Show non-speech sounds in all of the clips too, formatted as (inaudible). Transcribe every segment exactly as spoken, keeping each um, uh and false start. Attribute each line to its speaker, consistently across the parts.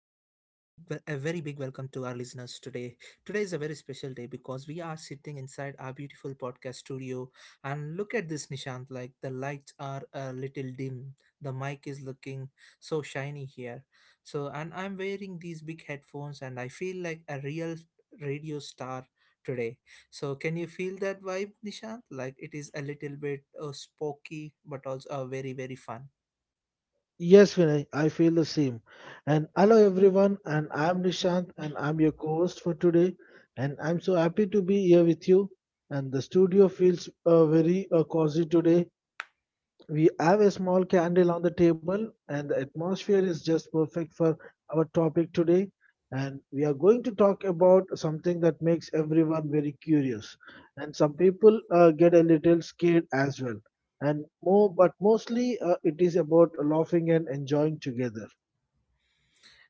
Speaker 1: big welcome to our listeners today. Today is a very special day because we are sitting inside our beautiful podcast studio, and look at this, Nishant. Like the lights are a little dim. The mic is looking so shiny here. So and I'm wearing these big headphones and I feel like a real radio star today. So can you feel that vibe, Nishant? Like it is a little bit uh, spooky but also uh, very very fun.
Speaker 2: Yes, Vinay, I feel the same. And hello, everyone. And I'm Nishant, and I'm your co host for today. And I'm so happy to be here with you. And the studio feels uh, very uh, cozy today we have a small candle on the table, and the atmosphere is just perfect for our topic today. And we are going to talk about something that makes everyone very curious. And some people uh, get a little scared as well. And more, but mostly uh, it is about laughing and enjoying together.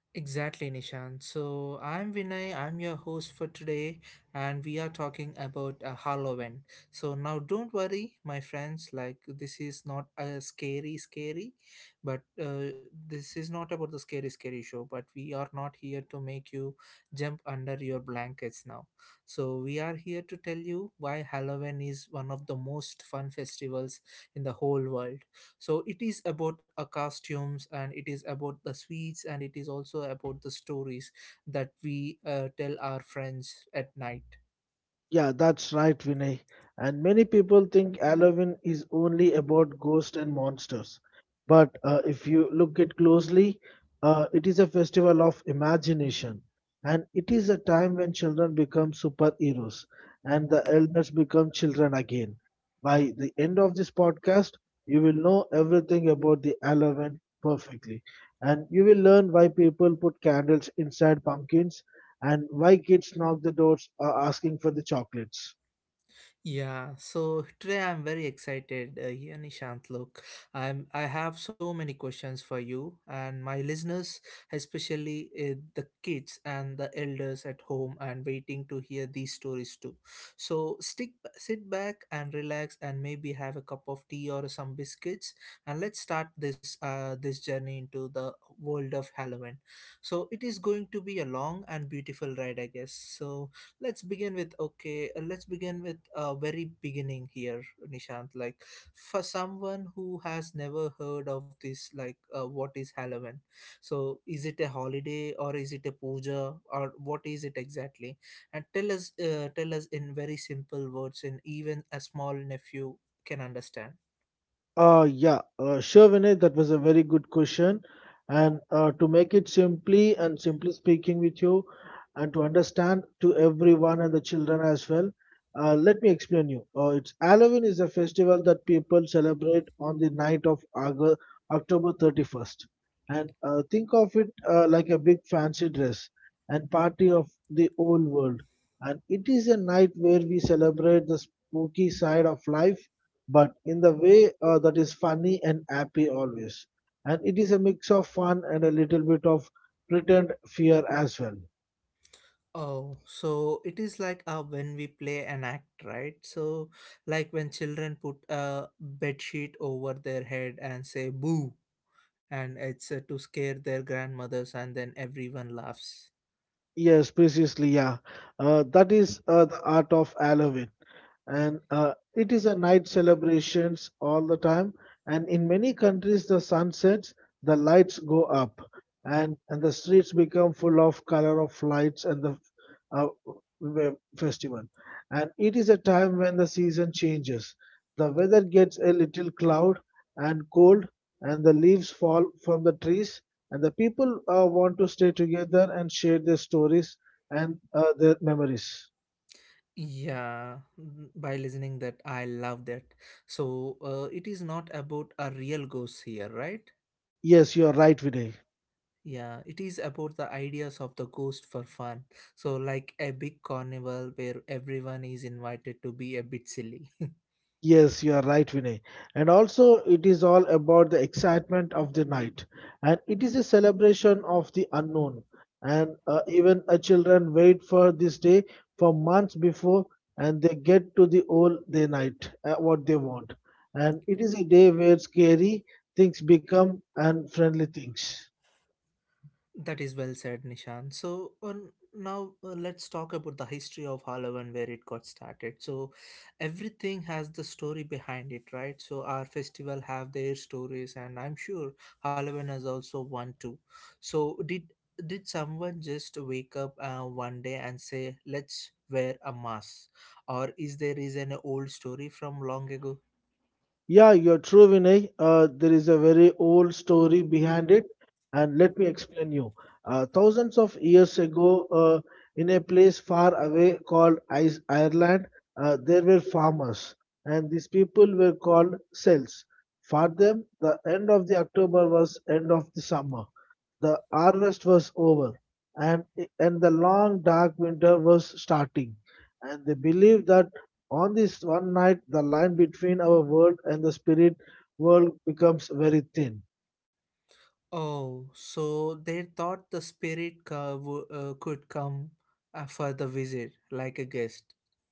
Speaker 1: Exactly, Nishan. So I'm Vinay, I'm your host for today, and we are talking about uh, Halloween. So now don't worry, my friends, like this is not a scary, scary, but uh, this is not about the scary, scary show, but we are not here to make you jump under your blankets now. So we are here to tell you why Halloween is one of the most fun festivals in the whole world. So it is about uh, costumes, and it is about the sweets, and it is also about the stories that we uh, tell our friends at night.
Speaker 2: Yeah, that's right, Vinay. And many people think Halloween is only about ghosts and monsters. But uh, if you look at closely, uh, it is a festival of imagination. And it is a time when children become superheroes and the elders become children again. By the end of this podcast, you will know everything about the Halloween perfectly. And you will learn why people put candles inside pumpkins and why kids knock the doors uh, asking for the chocolates.
Speaker 1: Yeah, so today I'm very excited. Uh, here, Nishant, look, I'm I have so many questions for you and my listeners, especially uh, the kids and the elders at home, and waiting to hear these stories too. So stick, sit back and relax, and maybe have a cup of tea or some biscuits, and let's start this uh this journey into the world of Halloween. So it is going to be a long and beautiful ride, I guess. So let's begin with okay uh, let's begin with a uh, very beginning here, Nishant. Like for someone who has never heard of this, like uh, what is Halloween? So is it a holiday or is it a puja, or what is it exactly? And tell us, uh, tell us in very simple words, and even a small nephew can understand.
Speaker 2: Uh, yeah, uh, sure, Vinay, that was a very good question. And uh, to make it simply and simply speaking with you, and to understand to everyone and the children as well, uh, let me explain you. Uh, it's Halloween is a festival that people celebrate on the night of August, October thirty-first. And uh, think of it uh, like a big fancy dress and party of the old world. And it is a night where we celebrate the spooky side of life but in the way uh, that is funny and happy always. And it is a mix of fun and a little bit of pretend fear as well.
Speaker 1: Oh, so it is like uh, when we play an act, right? So like when children put a bed sheet over their head and say boo, and it's uh, to scare their grandmothers, and then everyone laughs.
Speaker 2: Yes, precisely, yeah. Uh, that is uh, the art of Halloween. and uh, it is a night celebrations all the time, and in many countries the sun sets, the lights go up, and and the streets become full of color of lights and the uh, we- festival. And it is a time when the season changes, the weather gets a little cloud and cold, and the leaves fall from the trees, and the people uh, want to stay together and share their stories and uh, their memories.
Speaker 1: Yeah. Mm, by listening that, I love that. So uh, it is not about a real ghost here, right?
Speaker 2: Yes, you are right, Vinay.
Speaker 1: Yeah, it is about the ideas of the ghost for fun. So like a big carnival where everyone is invited to be a bit silly. (laughs)
Speaker 2: Yes, you are right, Vinay. And also, it is all about the excitement of the night, and it is a celebration of the unknown. And uh, even uh, children wait for this day for months before, and they get to the all day night uh, what they want. And it is a day where scary things become and friendly things.
Speaker 1: That is well said, Nishan. So on, now uh, let's talk about the history of Hollow and where it got started. So everything has the story behind it, right? So our festival have their stories, and I'm sure Halloween has also one too. So did did someone just wake up uh, one day and say, "Let's wear a mask," or is there is an old story from long ago?
Speaker 2: Yeah, you're true, Vinay. Uh, there is a very old story behind it, and let me explain you. Uh, thousands of years ago, uh, in a place far away called Is- Ireland, uh, there were farmers, and these people were called cells. For them, the end of the October was end of the summer, the harvest was over, and, and the long dark winter was starting. And they believed that on this one night, the line between our world and the spirit world becomes very thin.
Speaker 1: Oh, so they thought the spirit co- w- uh, could come uh, for the visit, like a guest,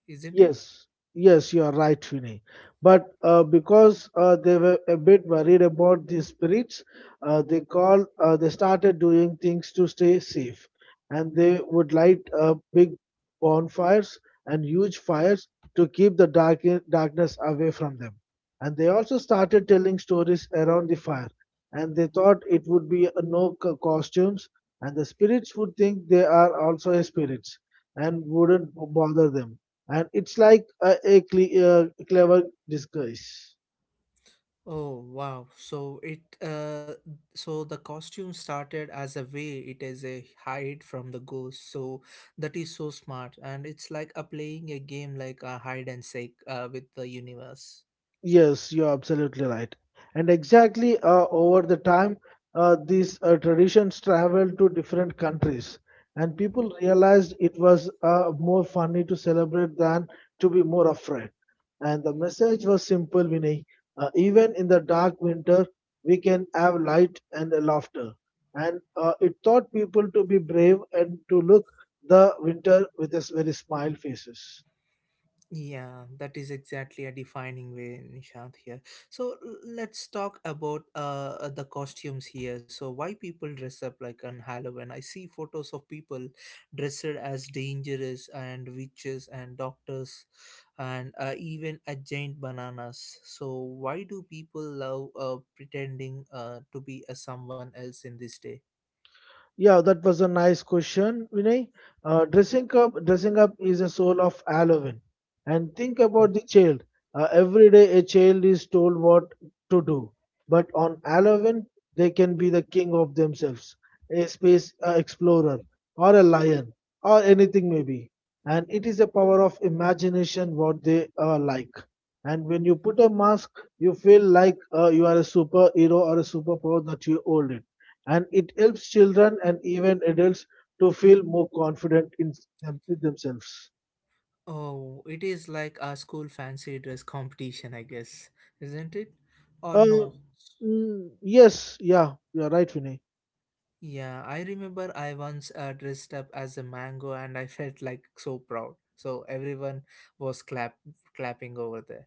Speaker 1: isn't it?
Speaker 2: Yes, yes, you are right, Vinay. But uh, because uh, they were a bit worried about the spirits, uh, they called. Uh, they started doing things to stay safe, and they would light uh, big bonfires and huge fires to keep the dark darkness away from them. And they also started telling stories around the fire, and they thought it would be uh, no co- costumes, and the spirits would think they are also spirits and wouldn't bother them, and it's like a, a cle- uh, clever disguise.
Speaker 1: Oh, wow. So it uh, so the costume started as a way it is a hide from the ghost. So that is so smart, and it's like a playing a game like a hide and seek uh, with the universe.
Speaker 2: Yes, you're absolutely right. And exactly uh, over the time, uh, these uh, traditions traveled to different countries, and people realized it was uh, more funny to celebrate than to be more afraid. And the message was simple, Vinay. Uh, even in the dark winter, we can have light and uh, laughter. And uh, it taught people to be brave and to look the winter with a s- very smile faces.
Speaker 1: Yeah, that is exactly a defining way, Nishant. Here, so l- let's talk about uh uh, the costumes here. So why people dress up like on Halloween? I see photos of people dressed as dangerous and witches and doctors, and uh, even a giant bananas. So why do people love uh pretending uh to be a someone else in this day?
Speaker 2: Yeah, that was a nice question, Vinay. Uh, dressing up, dressing up is a soul of Halloween. And think
Speaker 1: Hmm.
Speaker 2: about the child. Uh, every day, a child is told what to do, but on Halloween, they can be the king of themselves, a space uh, explorer, or a lion, or anything maybe. And it is a power of imagination what they are like. And when you put a mask, you feel like uh, you are a superhero or a superpower that you hold it, and it helps children and even adults to feel more confident in them, with themselves.
Speaker 1: Oh, it is like a school fancy dress competition, I guess, isn't it? Or
Speaker 2: Uh,
Speaker 1: no?
Speaker 2: mm, yes, yeah, you're right, Vinay.
Speaker 1: Yeah, I remember I once uh, dressed up as a mango and I felt like so proud. So everyone was clap clapping over there.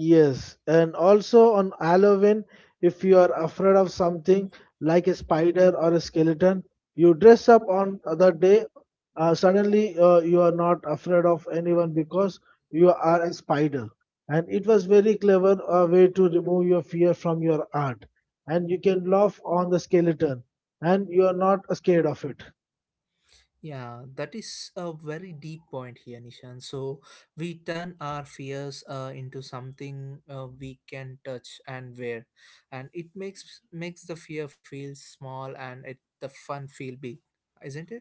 Speaker 2: Yes, and also on Halloween, if you are afraid of something like a spider or a skeleton, you dress up on other day. Uh, suddenly, uh, you are not afraid of anyone because you are a spider. And it was very clever uh, way to remove your fear from your art. And you can laugh on the skeleton, and you are not scared of it.
Speaker 1: Yeah, that is a very deep point here, Nishan. So we turn our fears uh, into something uh, we can touch and wear, and it makes makes the fear feel small and it the fun feel big, isn't it?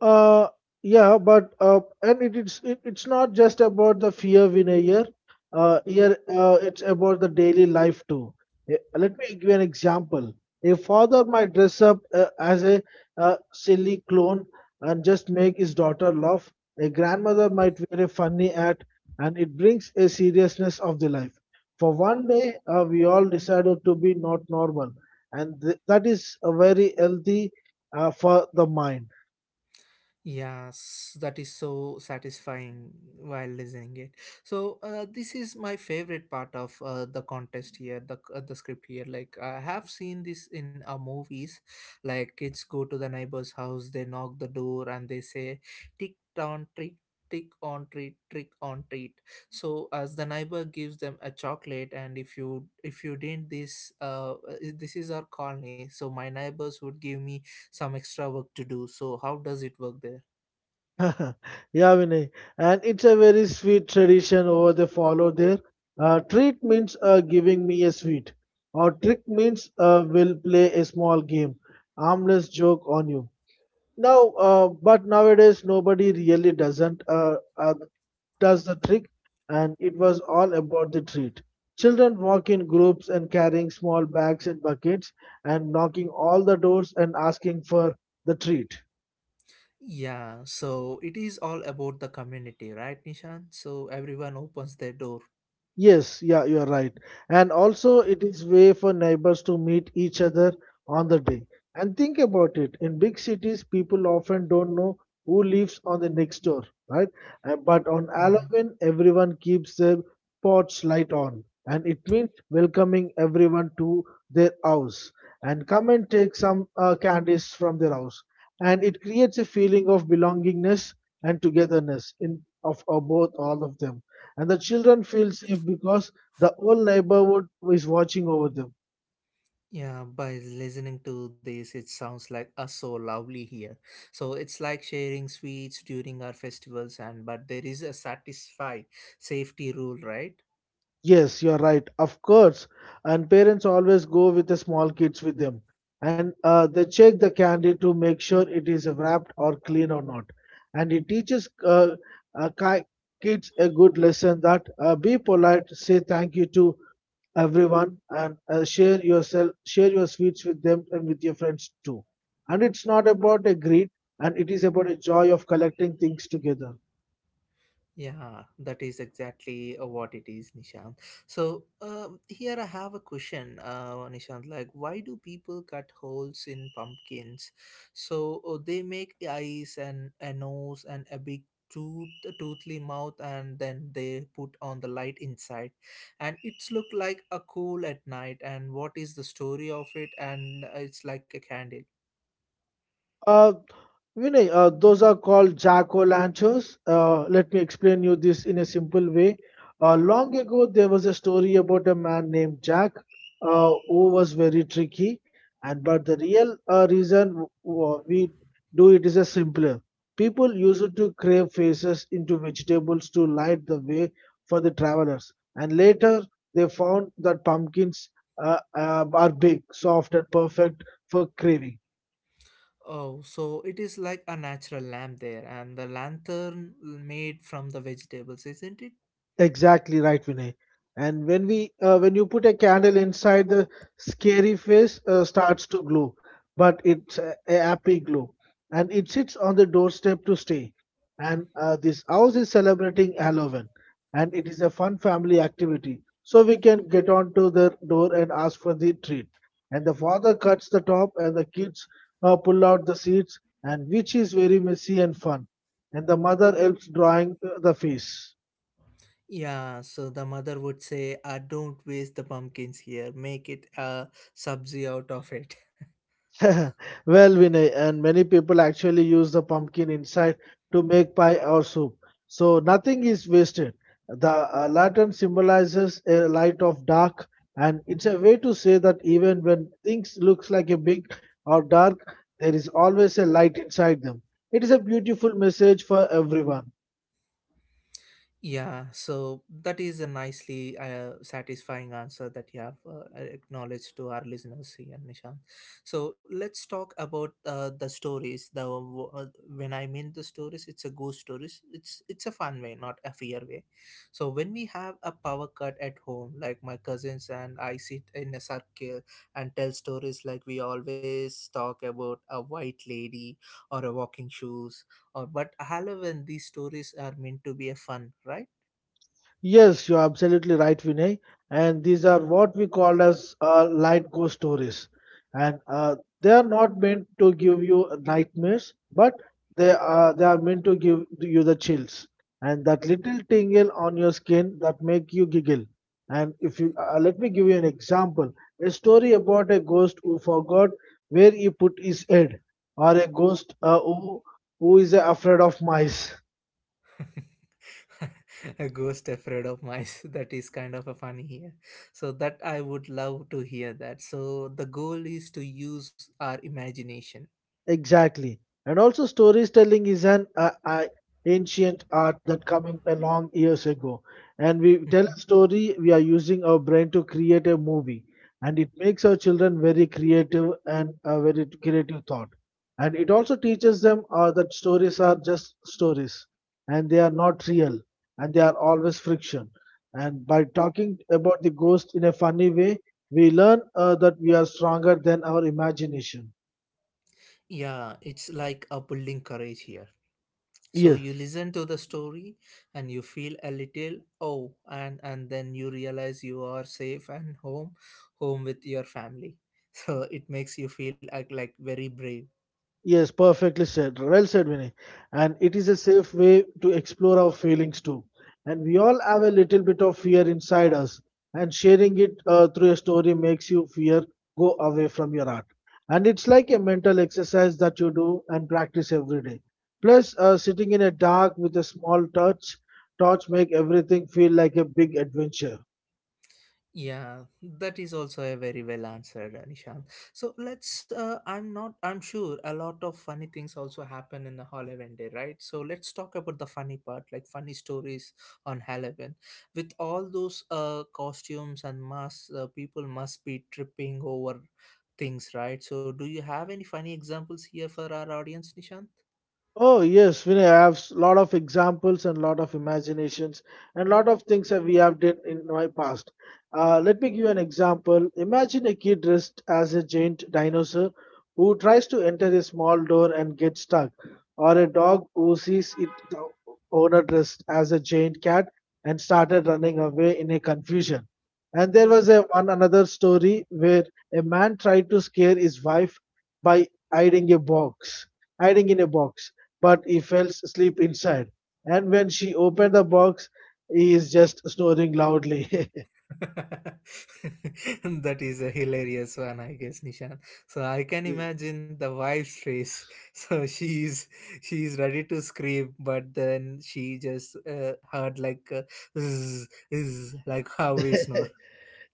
Speaker 2: Uh, yeah, but uh, and it, it's it, it's not just about the fear, Vinayar. Uh, here uh, it's about the daily life too. Eh, Let me give you an example. A father might dress up uh, as a uh, silly clown and just make his daughter laugh. A grandmother might wear a funny hat, and it brings a seriousness of the life. For one day, uh, we all decided to be not normal, and th- that is a very healthy uh, for the mind.
Speaker 1: Yes, that is so satisfying while listening it. So uh, this is my favorite part of uh, the contest here, the uh, the script here. Like I have seen this in uh, movies, like kids go to the neighbor's house, they knock the door, and they say, "Tick on trick, tick on treat, trick on treat." So as the neighbor gives them a chocolate, and if you if you didn't this uh this is our colony, so my neighbors would give me some extra work to do. So how does it work there?
Speaker 2: (laughs) Yeah, Vinay. And it's a very sweet tradition over they follow there. Uh, treat means uh, giving me a sweet, or trick means uh, will play a small game, harmless joke on you. Now, uh, but nowadays nobody really doesn't uh, uh, does the trick, and it was all about the treat. Children walk in groups and carrying small bags and buckets and knocking all the doors and asking for the treat.
Speaker 1: Yeah, so it is all about the community, right, Nishan? So everyone opens their door.
Speaker 2: Yes, yeah, you are right. And also, it is way for neighbors to meet each other on the day. And think about it. In big cities, people often don't know who lives on the next door, right? Uh, But on
Speaker 1: Mhm.
Speaker 2: Halloween, everyone keeps their porch light on, and it means welcoming everyone to their house and come and take some uh, candies from their house. And it creates a feeling of belongingness and togetherness in of, of both all of them, and the children feel safe because the whole neighborhood is watching over them.
Speaker 1: Yeah, by listening to this, it sounds like us so lovely here. So it's like sharing sweets during our festivals, and but there is a satisfy safety rule, right?
Speaker 2: Yes, you're right. Of course. And parents always go with the small kids with them. And uh, they check the candy to make sure it is wrapped or clean or not. And it teaches uh, uh, ki- kids a good lesson that uh, be polite, say thank you to everyone, and uh, share yourself, share your sweets with them and with your friends too. And it's not about a greed, and it is about a joy of collecting things together.
Speaker 1: Yeah, that is exactly uh, what it is, Nishant. So um, here I have a question, uh, Nishant. Like, why do people cut holes in pumpkins? So uh, they make eyes and a nose and a big tooth, a toothy mouth, and then they put on the light inside, and it's look like a cool at night. And what is the story of it? And uh, it's like a candle.
Speaker 2: Uh, Vinay, uh, those are called jack-o'-lanterns. Uh, let me explain you this in a simple way. Uh, long ago, there was a story about a man named Jack uh, who was very tricky. And but the real uh, reason w- w- we do it is a simpler. People used to crave faces into vegetables to light the way for the travelers. And later, they found that pumpkins uh, uh, are big, soft, and perfect for craving.
Speaker 1: Oh, so it is like a natural lamp there, and the lantern made from the vegetables, isn't it?
Speaker 2: Exactly right, Vinay. And when we uh, when you put a candle inside, the scary face uh, starts to glow, but it's a, a happy glow, and it sits on the doorstep to stay. And uh, this house is celebrating Halloween, and it is a fun family activity. So we can get on to the door and ask for the treat. And the father cuts the top, and the kids uh, pull out the seeds, and which is very messy and fun. And the mother helps drawing uh, the face.
Speaker 1: Yeah, so the mother would say, uh, don't waste the pumpkins here, make it a subzi out of it.
Speaker 2: (laughs) Well, Vinay, and many people actually use the pumpkin inside to make pie or soup. So nothing is wasted. The uh, lantern symbolizes a light of dark, and it's a way to say that even when things looks like a big or dark, there is always a light inside them. It is a beautiful message for everyone.
Speaker 1: Yeah, so that is a nicely uh, satisfying answer that you have uh, acknowledged to our listeners here, Nishant. So let's talk about uh, the stories. The uh, When I mean the stories, it's a ghost stories. It's it's a fun way, not a fear way. So when we have a power cut at home, like my cousins and I sit in a circle and tell stories, like we always talk about a white lady or a walking shoes, uh, but Halloween, these stories are meant to be a fun, right?
Speaker 2: Yes, you're absolutely right, Vinay. And these are what we call as uh, light ghost stories. And uh, they are not meant to give you nightmares, but they are they are meant to give you the chills and that little tingle on your skin that make you giggle. And if you uh, let me give you an example, a story about a ghost who forgot where he put his head, or a ghost uh, who who is afraid of mice.
Speaker 1: (laughs) A ghost afraid of mice. (laughs) That is kind of a funny here. So that I would love to hear that. So the goal is to use our imagination.
Speaker 2: Exactly. And also storytelling is an uh, uh, ancient art that coming along years ago. And we tell a
Speaker 1: Mhm.
Speaker 2: story, we are using our brain to create a movie. And it makes our children very creative and uh, very creative thought. And it also teaches them uh, that stories are just stories, and they are not real, and they are always friction. And by talking about the ghost in a funny way, we learn uh, that we are stronger than our imagination.
Speaker 1: Yeah, it's like a building courage here. So you
Speaker 2: Yes.
Speaker 1: listen to the story and you feel a little oh, and and then you realize you are safe and home, home with your family. (laughs) So it makes you feel like, like very brave.
Speaker 2: Yes, perfectly said. Well said, Vinay. And it is a safe way to explore our feelings too. And we all have a little bit of fear inside us, and sharing it uh, through a story makes you fear go away from your art. And it's like a mental exercise that you do and practice every day. Plus, uh, sitting in a dark with a small torch, torch make everything feel like a big adventure.
Speaker 1: Yeah, that is also a very well answered, Nishant. So let's. Uh, I'm not. I'm sure a lot of funny things also happen in the Halloween day, right? So let's talk about the funny part, like funny stories on Halloween. With all those uh costumes and masks, uh, people must be tripping over things, right? So do you have any funny examples here for our audience, Nishant?
Speaker 2: Oh yes, Vinay, I have s- lot of examples and lot of imaginations and lot of things that we have done in my past. Uh, let me give you an example. Imagine a kid dressed as a giant dinosaur who tries to enter a small door and gets stuck, or a dog who sees it the owner dressed as a giant cat and started running away in a confusion. And there was a one another story where a man tried to scare his wife by hiding a box, hiding in a box, but he falls asleep inside. And when she opened the box, he is just snoring loudly. (laughs)
Speaker 1: (laughs) That is a hilarious one, I guess, Nishan. So I can imagine the wife's face. (laughs) So she is she is ready to scream, but then she just uh, heard like uh, zzz, zzz, like how we snore.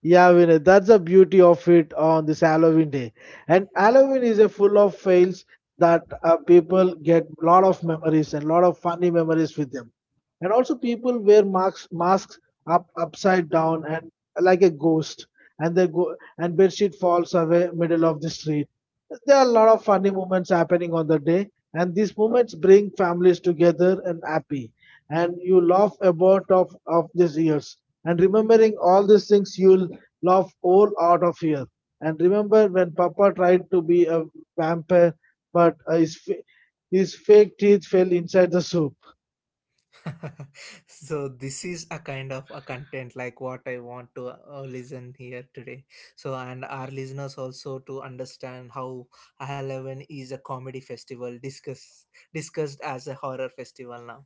Speaker 2: Yeah, Vinay, that's the beauty of it on this Halloween day. And Halloween is a full of fails that uh, people get a lot of memories and a lot of funny memories with them. And also people wear masks, masks up upside down and like a ghost, and they go and bedsheet falls away middle of the street. There are a lot of funny moments happening on the day, and these moments bring families together and happy. And you laugh about of of these years, and remembering all these things, you'll laugh all out of here. And remember when Papa tried to be a vampire, but uh, his, fa- his fake teeth fell inside the soup.
Speaker 1: (laughs) So this is a kind of a content like what I want to uh, listen here today. So and our listeners also to understand how I Eleven is a comedy festival discussed discussed as a horror festival now.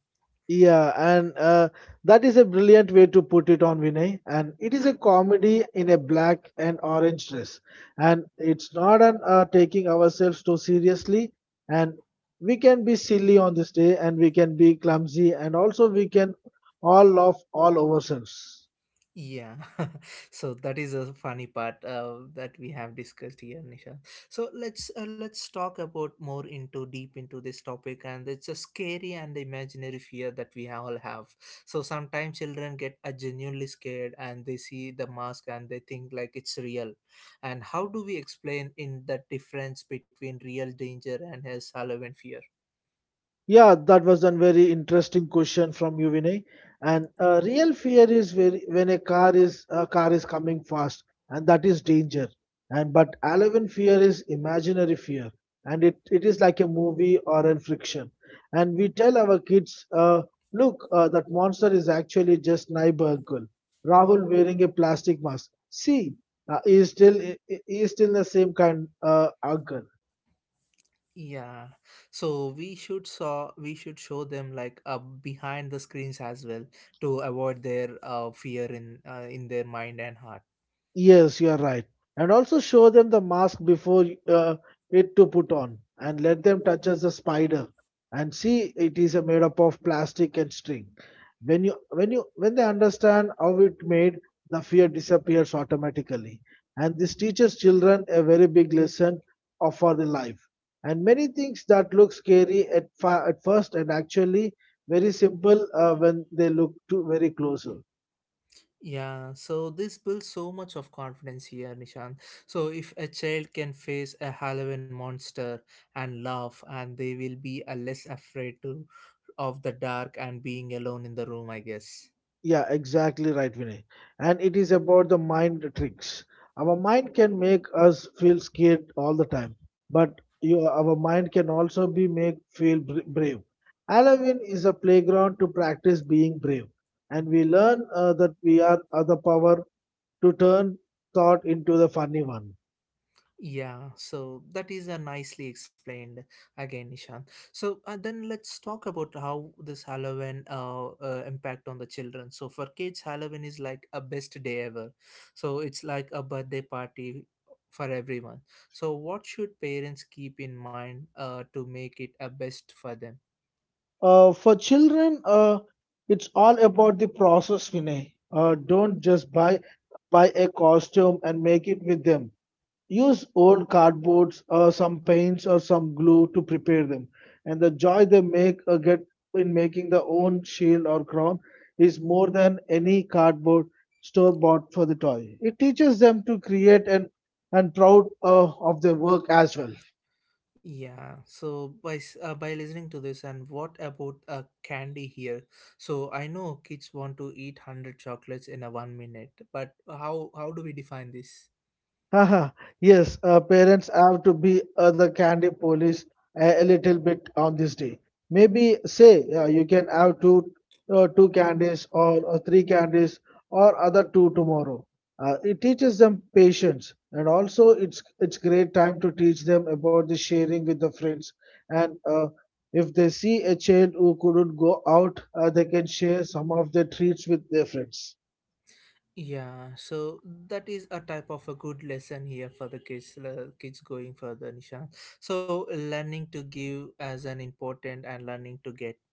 Speaker 2: Yeah, and uh, that is a brilliant way to put it on Vinay. And it is a comedy in a black and orange dress. And it's not an uh, taking ourselves too seriously. And we can be silly on this day, and we can be clumsy, and also we can all laugh all ourselves.
Speaker 1: Yeah, (laughs) so that is a funny part uh, that we have discussed here, Nisha. So let's uh, let's talk about more into deep into this topic, and it's a scary and imaginary fear that we all have. So sometimes children get uh, genuinely scared, and they see the mask and they think like it's real. And how do we explain in the difference between real danger and his Halloween fear?
Speaker 2: Yeah, that was a very interesting question from you, Vinay. And uh, real fear is very, when a car is a car is coming fast, and that is danger. And but eleven fear is imaginary fear, and it, it is like a movie or a friction. And we tell our kids, uh, look, uh, that monster is actually just neighbor girl, Rahul wearing a plastic mask. See, uh, he is still he he is still the same kind uh, uncle.
Speaker 1: Yeah, so we should saw we should show them like uh, behind the screens as well to avoid their uh, fear in uh, in their mind and heart.
Speaker 2: Yes, you are right. And also show them the mask before uh, it to put on and let them touch as the spider and see it is uh, made up of plastic and string. When you when you when they understand how it made, the fear disappears automatically. And this teaches children a very big lesson of for the life. And many things that look scary at, fi- at first and actually very simple uh, when they look to very closer.
Speaker 1: Yeah, so this builds so much of confidence here, Nishan. So if a child can face a Halloween monster and laugh, and they will be uh, less afraid to of the dark and being alone in the room, I guess.
Speaker 2: Yeah, exactly right, Vinay. And it is about the mind tricks. Our mind can make us feel scared all the time, but you, our mind can also be make feel br- brave. Halloween is a playground to practice being brave, and we learn uh, that we are uh, the power to turn thought into the funny one.
Speaker 1: Yeah, so that is uh, nicely explained again, Nishant. So uh, then let's talk about how this Halloween uh, uh, impact on the children. So for kids, Halloween is like a best day ever. So it's like a birthday party for everyone. So what should parents keep in mind uh, to make it a best for them?
Speaker 2: Uh, for children, uh, it's all about the process, Vinay. Uh, don't just buy buy a costume and make it with them. Use old cardboards or some paints or some glue to prepare them, and the joy they make uh, get in making their own shield or crown is more than any cardboard store bought for the toy. It teaches them to create and and proud uh, of their work as well.
Speaker 1: Yeah, so by s- uh, by listening to this, and what about uh, candy here? So I know kids want to eat one hundred chocolates in a one minute, but how how do we define this?
Speaker 2: Haha, yes, uh, parents have to be uh, the candy police a, a little bit on this day. Maybe say uh, you can have two, uh, two candies or uh, three candies or other two tomorrow. Uh, it teaches them patience, and also it's it's great time to teach them about the sharing with the friends, and uh, if they see a child who couldn't go out, uh, they can share some of their treats with their friends.
Speaker 1: Yeah, so that is a type of a good lesson here for the kids. le- Kids going further, Nishan. So learning to give as an important and learning to get.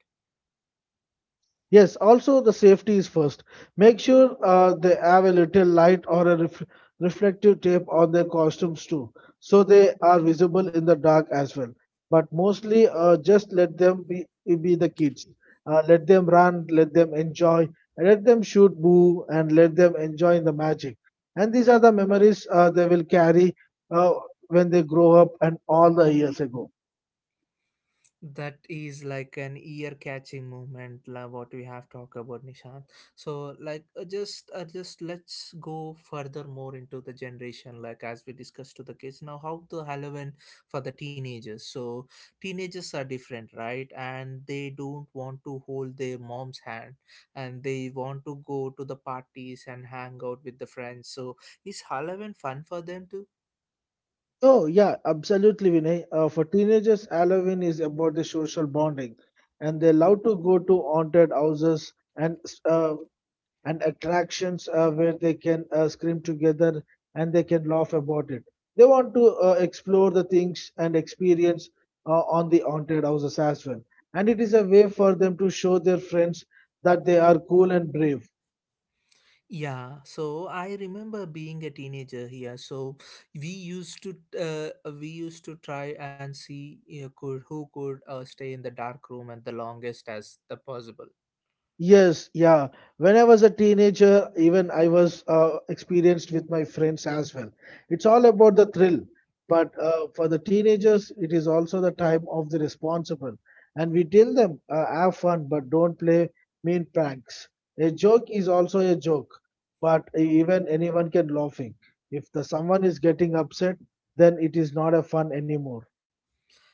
Speaker 2: Yes, also the safety is first. Make sure uh, they have a little light or a ref- reflective tape on their costumes too, so they are visible in the dark as well. But mostly, uh, just let them be be the kids. Uh, let them run, let them enjoy, and let them shoot boo, and let them enjoy the magic. And these are the memories uh, they will carry uh, when they grow up and all the years ago.
Speaker 1: That is like an ear-catching moment, like what we have talked about, Nishant. So, like, uh, just uh, just let's go further more into the generation, like as we discussed to the kids. Now, how the Halloween for the teenagers? So, teenagers are different, right? And they don't want to hold their mom's hand, and they want to go to the parties and hang out with the friends. So, is Halloween fun for them too?
Speaker 2: Oh, yeah, absolutely, Vinay. Uh, for teenagers, Halloween is about the social bonding, and they love to go to haunted houses and uh, and attractions uh, where they can uh, scream together, and they can laugh about it. They want to uh, explore the things and experience uh, on the haunted houses as well, and it is a way for them to show their friends that they are cool and brave.
Speaker 1: Yeah, so I remember being a teenager here. So we used to uh, we used to try and see uh, could who could uh, stay in the dark room at the longest as the possible.
Speaker 2: Yes, yeah. When I was a teenager, even I was uh, experienced with my friends as well. It's all about the thrill, but uh, for the teenagers, it is also the time of the responsible. And we tell them, uh, have fun, but don't play mean pranks. A joke is also a joke, but even anyone can laughing. If the someone is getting upset, then it is not a fun anymore.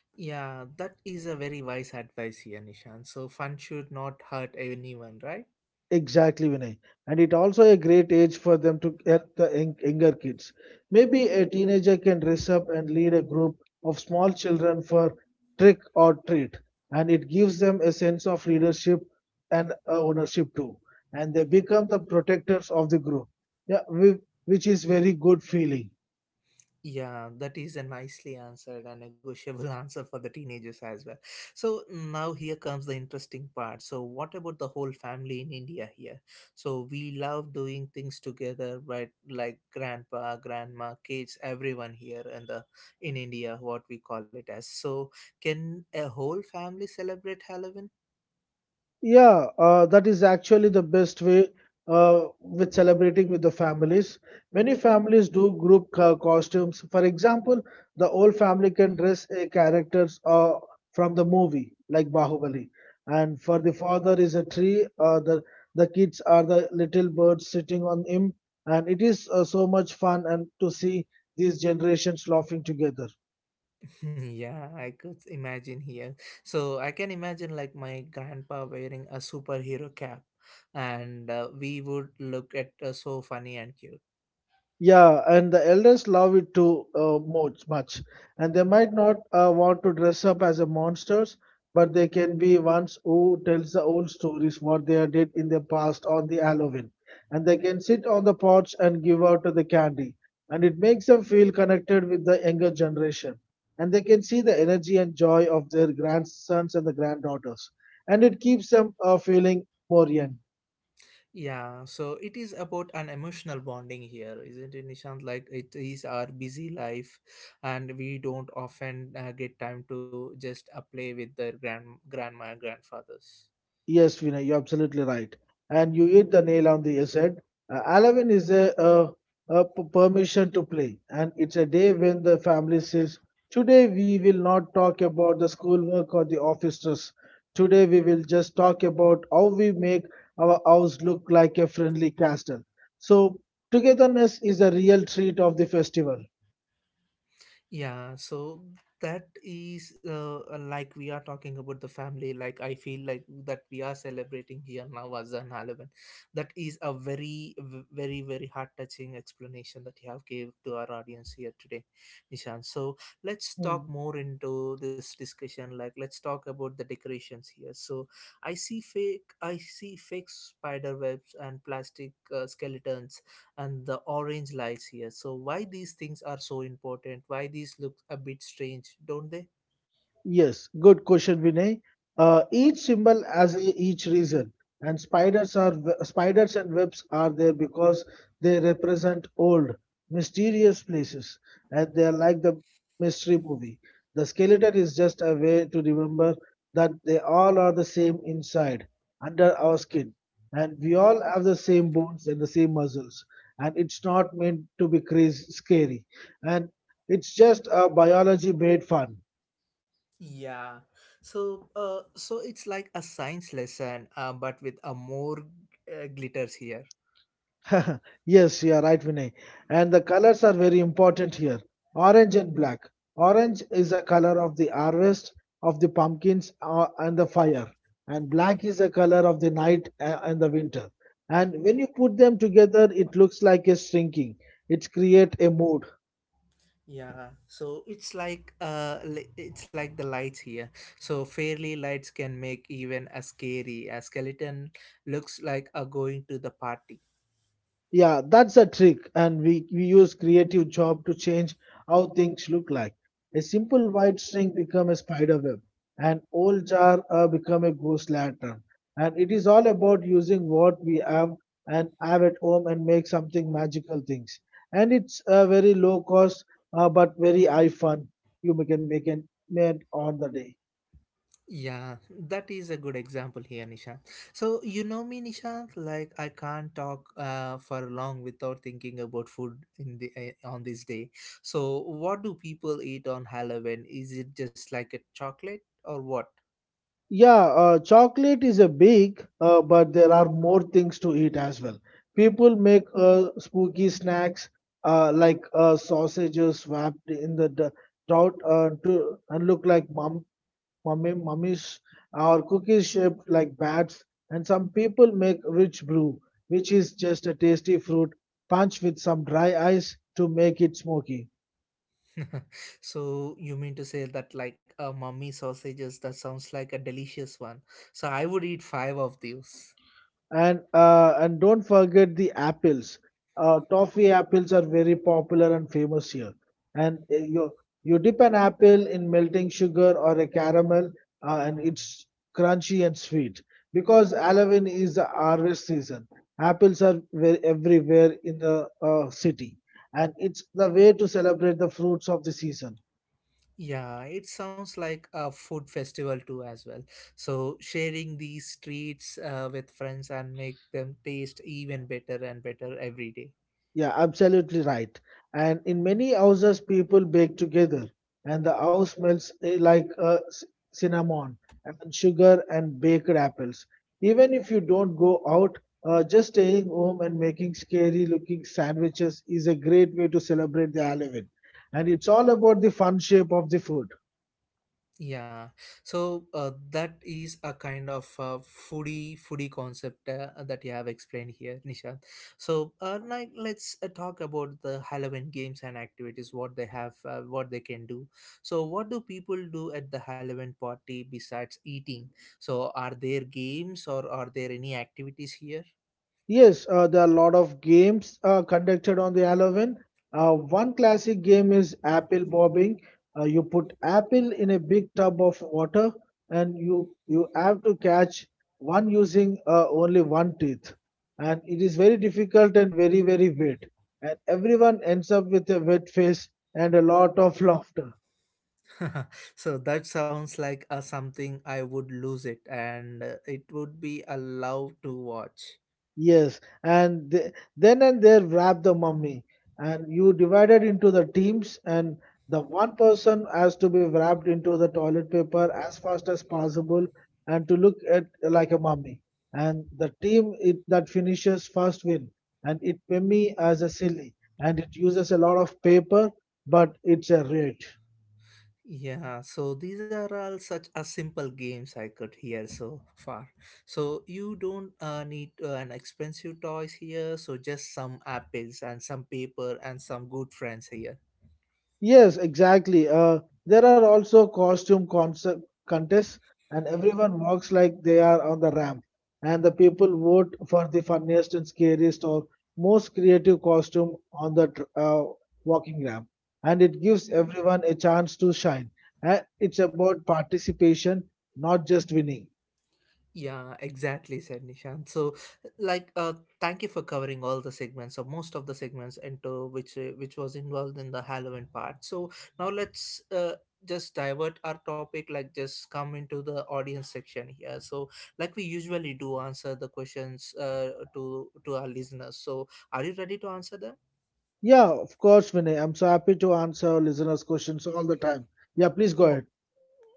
Speaker 1: Yeah, that is a very wise advice here, Nishan. So fun should not hurt anyone, right?
Speaker 2: Exactly, Vinay. And it also a great age for them to get the young- younger kids. Maybe a teenager can dress up and lead a group of small children for trick or treat, and it gives them a sense of leadership and uh, ownership too. And they become the protectors of the group, yeah, whi- which is very good feeling.
Speaker 1: Yeah, that is a nicely answered and negotiable (laughs) answer for the teenagers as well. So now here comes the interesting part. So what about the whole family in India here? So we love doing things together, but like grandpa, grandma, kids, everyone here in the in India, what we call it as. So can a whole family celebrate Halloween?
Speaker 2: Yeah, uh, that is actually the best way uh, with celebrating with the families. Many families do group co- costumes. For example, the whole family can dress a characters uh, from the movie like Bahubali, and for the father is a tree. Uh, the the kids are the little birds sitting on him, and it is uh, so much fun and to see these generations laughing together.
Speaker 1: (laughs) Yeah, I could imagine here. So I can imagine like my grandpa wearing a superhero cap, and uh, we would look at uh, so funny and cute.
Speaker 2: Yeah, and the elders love it too uh, much, much, and they might not uh, want to dress up as a monsters, but they can be ones who tells the old stories what they did in the past on the Halloween, and they can sit on the porch and give out the candy, and it makes them feel connected with the younger generation, and they can see the energy and joy of their grandsons and the granddaughters, and it keeps them uh, feeling Morian.
Speaker 1: Yeah, so it is about an emotional bonding here, isn't it, Nishant? Like it is our busy life, and we don't often uh, get time to just uh, play with the grand grandma and grandfathers.
Speaker 2: Yes, Vinay, you're absolutely right. And you hit the nail on the head. Uh, Halloween is a, uh a p- permission to play, and it's a day when the family says, today we will not talk about the schoolwork or the office stress. Today we will just talk about how we make our house look like a friendly castle. So, togetherness is a real treat of the festival.
Speaker 1: Yeah, so that is uh, like we are talking about the family. Like I feel like that we are celebrating here now as an Halloween. That is a very, v- very, very heart touching explanation that you have gave to our audience here today, Nishan. So let's
Speaker 2: Hmm.
Speaker 1: talk more into this discussion. Like let's talk about the decorations here. So I see fake, I see fake spider webs and plastic uh, skeletons and the orange lies here. So why these things are so important? Why these look a bit strange, don't they?
Speaker 2: Yes, good question, Vinay. Uh, each symbol has a- each reason, and spiders are spiders and webs are there because they represent old, mysterious places, and they are like the mystery movie. The skeleton is just a way to remember that they all are the same inside, under our skin, and we all have the same bones and the same muscles, and it's not meant to be crazy, scary, and it's just a biology made fun.
Speaker 1: Yeah. So uh, so it's like a science lesson uh, but with a more uh, glitters here.
Speaker 2: (laughs) Yes, you are right, Vinay. And the colors are very important here. Orange and black. Orange is the color of the harvest, of the pumpkins, uh, and the fire. And black is the color of the night uh, and the winter. And when you put them together, it looks like a shrinking. It creates a mood.
Speaker 1: Yeah. So it's like uh li- it's like the lights here. So fairly lights can make even a scary a skeleton looks like a going to the party.
Speaker 2: Yeah, that's a trick, and we, we use creative job to change how things look like. A simple white string become a spider web, an old jar uh, become a goose lantern, and it is all about using what we have and have at home and make something magical things. And it's a very low cost, uh, but very high fun. You can make it on the day.
Speaker 1: Yeah, that is a good example here, Nishant. So, you know me, Nishant, like I can't talk uh, for long without thinking about food in the uh, on this day. So, what do people eat on Halloween? Is it just like a chocolate or what?
Speaker 2: Yeah, uh, chocolate is a big, uh, but there are more things to eat as well. People make uh, spooky snacks uh, like uh, sausages wrapped in the d- trout uh, to and look like mum mummy mummies or cookies shaped like bats. And some people make rich brew, which is just a tasty fruit punch with some dry ice to make it smoky.
Speaker 1: (laughs) So, you mean to say that like uh, mummy sausages that sounds like a delicious one. So, I would eat five of these.
Speaker 2: and uh, and don't forget the apples. Uh, toffee apples are very popular and famous here. And uh, you you dip an apple in melting sugar or a caramel, uh, and it's crunchy and sweet. Because Halloween is the harvest season, apples are very, everywhere in the uh, city, and it's the way to celebrate the fruits of the season.
Speaker 1: Yeah, it sounds like a food festival too as well. So sharing these treats uh, with friends and make them taste even better and better every day.
Speaker 2: Yeah, absolutely right. And in many houses, people bake together, and the house smells eh, like uh, c- cinnamon and sugar and baked apples. Even if you don't go out, uh, just staying home and making scary looking sandwiches is a great way to celebrate the Halloween. And it's all about the fun shape of the food.
Speaker 1: Yeah, so uh, that is a kind of uh, foodie foodie concept uh, that you have explained here, Nisha. So, uh, like, let's uh, talk about the Halloween games and activities. What they have, uh, what they can do. So, what do people do at the Halloween party besides eating? So, are there games or are there any activities here?
Speaker 2: Yes, uh, there are a lot of games uh, conducted on the Halloween. Uh, one classic game is apple bobbing. Uh, you put apple in a big tub of water, and you you have to catch one using uh, only one tooth. And it is very difficult and very very wet. And everyone ends up with a wet face and a lot of laughter.
Speaker 1: (laughs) So that sounds like uh, something I would lose it, and uh, it would be a love to watch.
Speaker 2: Yes, and th- then and there wrap the mummy, and you divided into the teams, and the one person has to be wrapped into the toilet paper as fast as possible, and to look at like a mummy. And the team it, that finishes first win, and it mummy as a silly, and it uses a lot of paper, but it's a rate.
Speaker 1: Yeah, so these are all such a simple games I could hear so far. So you don't uh, need uh, an expensive toys here, so just some apples and some paper and some good friends here.
Speaker 2: Yes, exactly. Uh, there are also costume concept contests, and everyone walks like they are on the ramp. And the people vote for the funniest and scariest or most creative costume on the tr- uh, walking ramp. And it gives everyone a chance to shine. And it's about participation, not just winning.
Speaker 1: Yeah, exactly, said Nishan. So, like, uh, thank you for covering all the segments or most of the segments into which uh, which was involved in the Halloween part. So now let's uh, just divert our topic, like just come into the audience section here. So, like we usually do, answer the questions uh, to to our listeners. So, are you ready to answer them?
Speaker 2: Yeah, of course, Vinay. I'm so happy to answer our listeners' questions all the time. Yeah, please go
Speaker 1: Oh,
Speaker 2: ahead.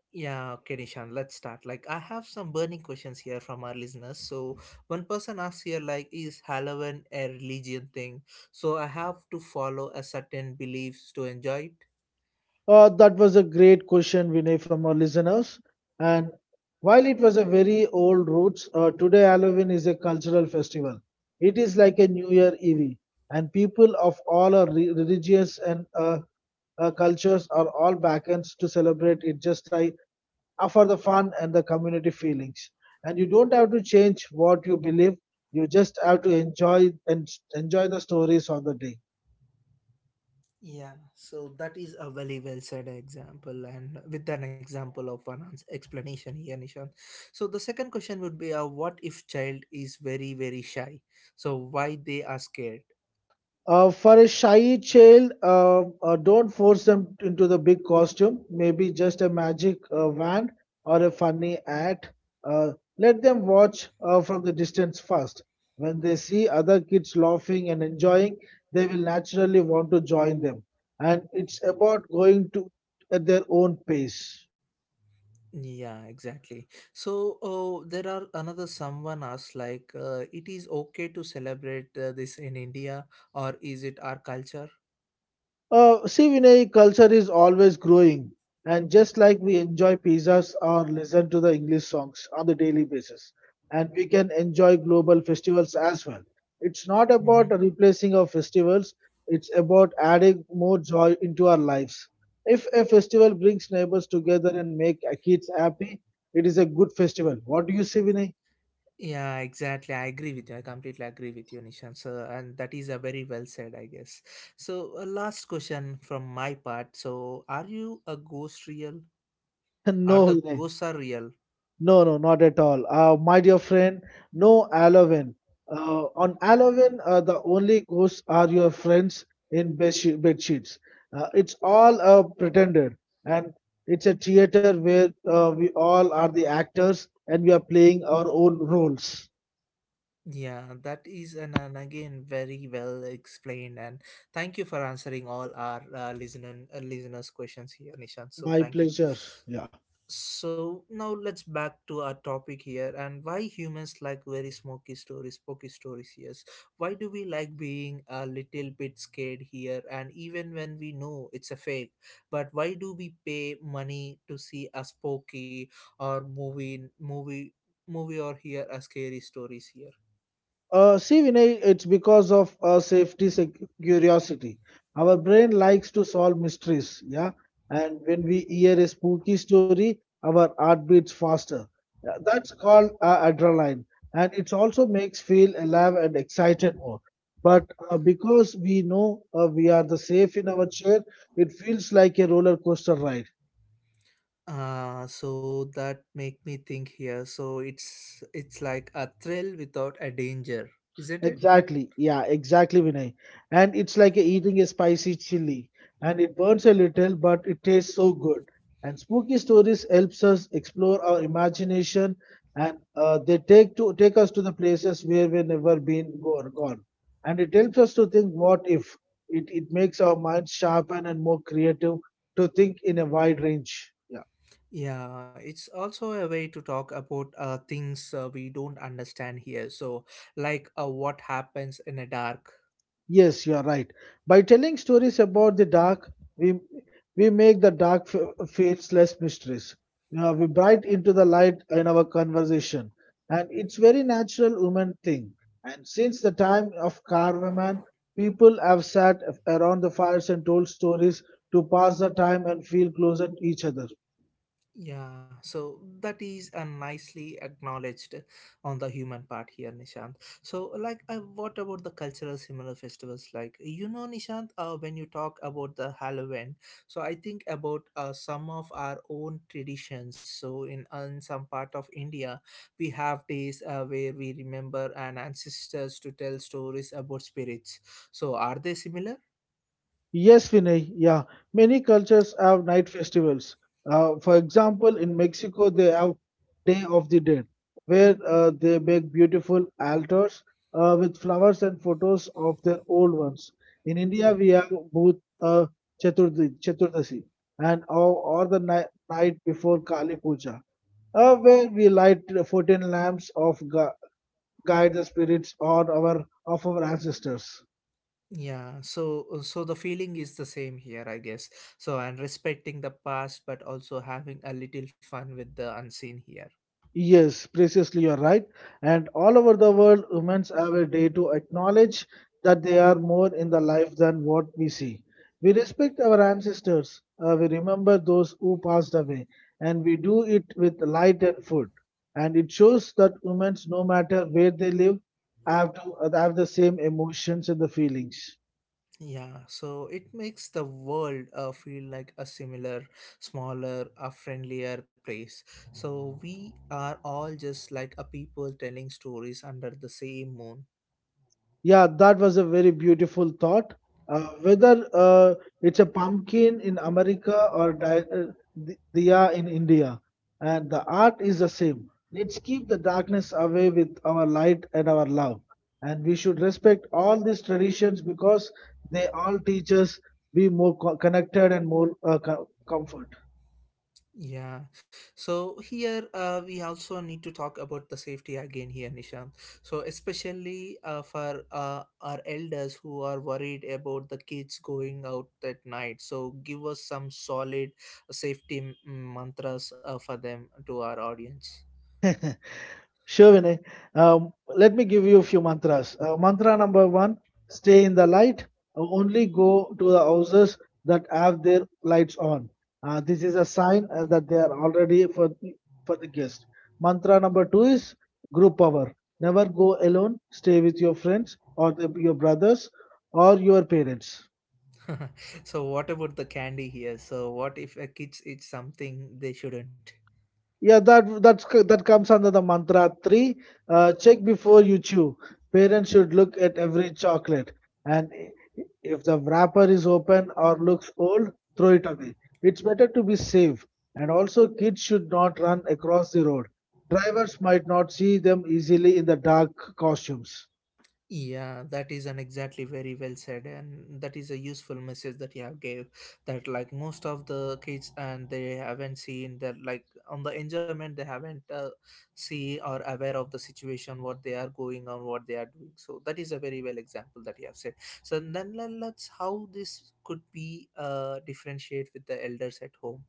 Speaker 1: yeah, okay, Nishan, let's start. Like, I have some burning questions here from our listeners. So, one person asks here, like, is Halloween a religion thing? So, I have to follow a certain beliefs to enjoy it?
Speaker 2: Uh, that was a great question, Vinay, from our listeners. And while it was a very old roots, uh, today Halloween is a cultural festival. It is like a New Year Eve, and people of all our re- religious and uh, uh, cultures are all backends to celebrate it just like uh, for the fun and the community feelings. And you don't have to change what you believe; you just have to enjoy and enjoy the stories of the day.
Speaker 1: Yeah, so that is a very well said example, and with an example of an ans- explanation here, Nishan. So the second question would be, uh, what if child is very very shy? So why they are scared?
Speaker 2: Uh, for a shy child, uh, uh, don't force them into the big costume. Maybe just a magic uh, wand or a funny hat. Uh, Let them watch uh, from the distance first. When they see other kids laughing and enjoying, they will naturally want to join them. And it's about going to at their own pace.
Speaker 1: Yeah, exactly. So uh, there are another someone asked like, uh, it is okay to celebrate uh, this in India or is it our culture?
Speaker 2: Uh, see, Vinay, culture is always growing. And just like we enjoy pizzas or listen to the English songs on the daily basis, and we can enjoy global festivals as well. It's not
Speaker 1: Hmm.
Speaker 2: about replacing our festivals, it's about adding more joy into our lives. If a festival brings neighbors together and make uh, kids happy, it is a good festival. What do you say, Vinay?
Speaker 1: Yeah, exactly. I agree with you. I completely agree with you, Nishan, sir. And that is a very well said, I guess. So uh, last question from my part. So are you a ghost real?
Speaker 2: (laughs)
Speaker 1: Are
Speaker 2: no,
Speaker 1: the
Speaker 2: Vinay.
Speaker 1: ghosts are real?
Speaker 2: No, no, not at all. Uh, my dear friend, no Halloween. Uh, on Halloween, uh, the only ghosts are your friends in bed she- bed sheets. Uh, it's all uh, pretended, and it's a theater where uh, we all are the actors and we are playing our own roles.
Speaker 1: Yeah, that is an, and again very well explained, and thank you for answering all our uh, listener uh, listeners' questions here, Nishan. So
Speaker 2: My
Speaker 1: thank you.
Speaker 2: pleasure. Yeah.
Speaker 1: So now let's back to our topic here, and why humans like very smoky stories, spooky stories. Yes, why do we like being a little bit scared here, and even when we know it's a fake, but why do we pay money to see a spooky or movie movie movie or hear a scary stories here?
Speaker 2: Uh, see, Vinay, it's because of uh, safety sec- curiosity. Our brain likes to solve mysteries, yeah. And when we hear a spooky story, our heart beats faster. Yeah, that's called uh, adrenaline, and it also makes feel alive and excited more. But uh, because we know uh, we are the safe in our chair, it feels like a roller coaster ride.
Speaker 1: Uh, so that make me think here. So it's it's like a thrill without a danger, isn't it?
Speaker 2: Exactly. Yeah, exactly, Vinay. And it's like eating a spicy chili, and it burns a little, but it tastes so good. And spooky stories helps us explore our imagination, and uh, they take to take us to the places where we've never been go- gone. And it helps us to think, what if? It it makes our minds sharpen and more creative to think in a wide range. Yeah.
Speaker 1: Yeah, it's also a way to talk about uh, things uh, we don't understand here. So, like uh, what happens in a dark.
Speaker 2: Yes, you are right. By telling stories about the dark, we we make the dark f- feels less mysterious. You know, we bright into the light in our conversation, and it's very natural human thing. And since the time of caveman, people have sat around the fires and told stories to pass the time and feel closer to each other.
Speaker 1: Yeah, so that is uh, nicely acknowledged on the human part here, Nishant. So, like, uh, what about the cultural similar festivals? Like, you know, Nishant, uh, when you talk about the Halloween, so I think about uh, some of our own traditions. So, in, in some part of India, we have days uh, where we remember an ancestors to tell stories about spirits. So, are they similar?
Speaker 2: Yes, Vinay. Yeah, many cultures have night festivals. Uh, for example, in Mexico, they have Day of the Dead, where uh, they make beautiful altars uh, with flowers and photos of their old ones. In India, we have both uh, Chaturthi, Chaturdasi and or, or the ni- night before Kali Puja, uh, where we light fourteen lamps of gu- guide the spirits or our of our ancestors.
Speaker 1: Yeah, so uh, so the feeling is the same here, I guess. So and respecting the past, but also having a little fun with the unseen here.
Speaker 2: Yes, preciously, you're right. And all over the world, women have a day to acknowledge that they are more in the life than what we see. We respect our ancestors, uh, we remember those who passed away, and we do it with light and food. And it shows that women, no matter where they live, have to have the same emotions and the feelings.
Speaker 1: Yeah, so it makes the world uh, feel like a similar, smaller, a friendlier place. So we are all just like a people telling stories under the same moon.
Speaker 2: Yeah, that was a very beautiful thought. Uh, whether uh, it's a pumpkin in America or di- uh, di- diya in India, and the art is the same. Let's keep the darkness away with our light and our love. And we should respect all these traditions because they all teach us be more co- connected and more uh, co- comfort.
Speaker 1: Yeah, so here uh, we also need to talk about the safety again here, Nishan. So especially uh, for uh, our elders who are worried about the kids going out at night. So give us some solid safety m- mantras uh, for them to our audience.
Speaker 2: (laughs) Sure, Vinay. Um, let me give you a few mantras. Uh, mantra number one stay in the light. Uh, only go to the houses that have their lights on. Uh, this is a sign uh, that they are already for, for the guest. Mantra number two is group power. Never go alone, stay with your friends or the, your brothers or your parents.
Speaker 1: (laughs) So what about the candy here? So what if a kids eat something they shouldn't?
Speaker 2: Yeah, that that's c- that comes under the mantra three. Uh, check before you chew. Parents should look at every chocolate, and i- if the wrapper is open or looks old, throw it away. It's better to be safe. And also, kids should not run across the road. Drivers might not see them easily in the dark costumes.
Speaker 1: Yeah, that is an exactly very well said, and that is a useful message that you have gave. That like most of the kids and they haven't seen that like on the enjoyment they haven't uh, see or aware of the situation what they are going on what they are doing. So that is a very well example that you have said. So then le- let's how this could be uh differentiate with the elders at home.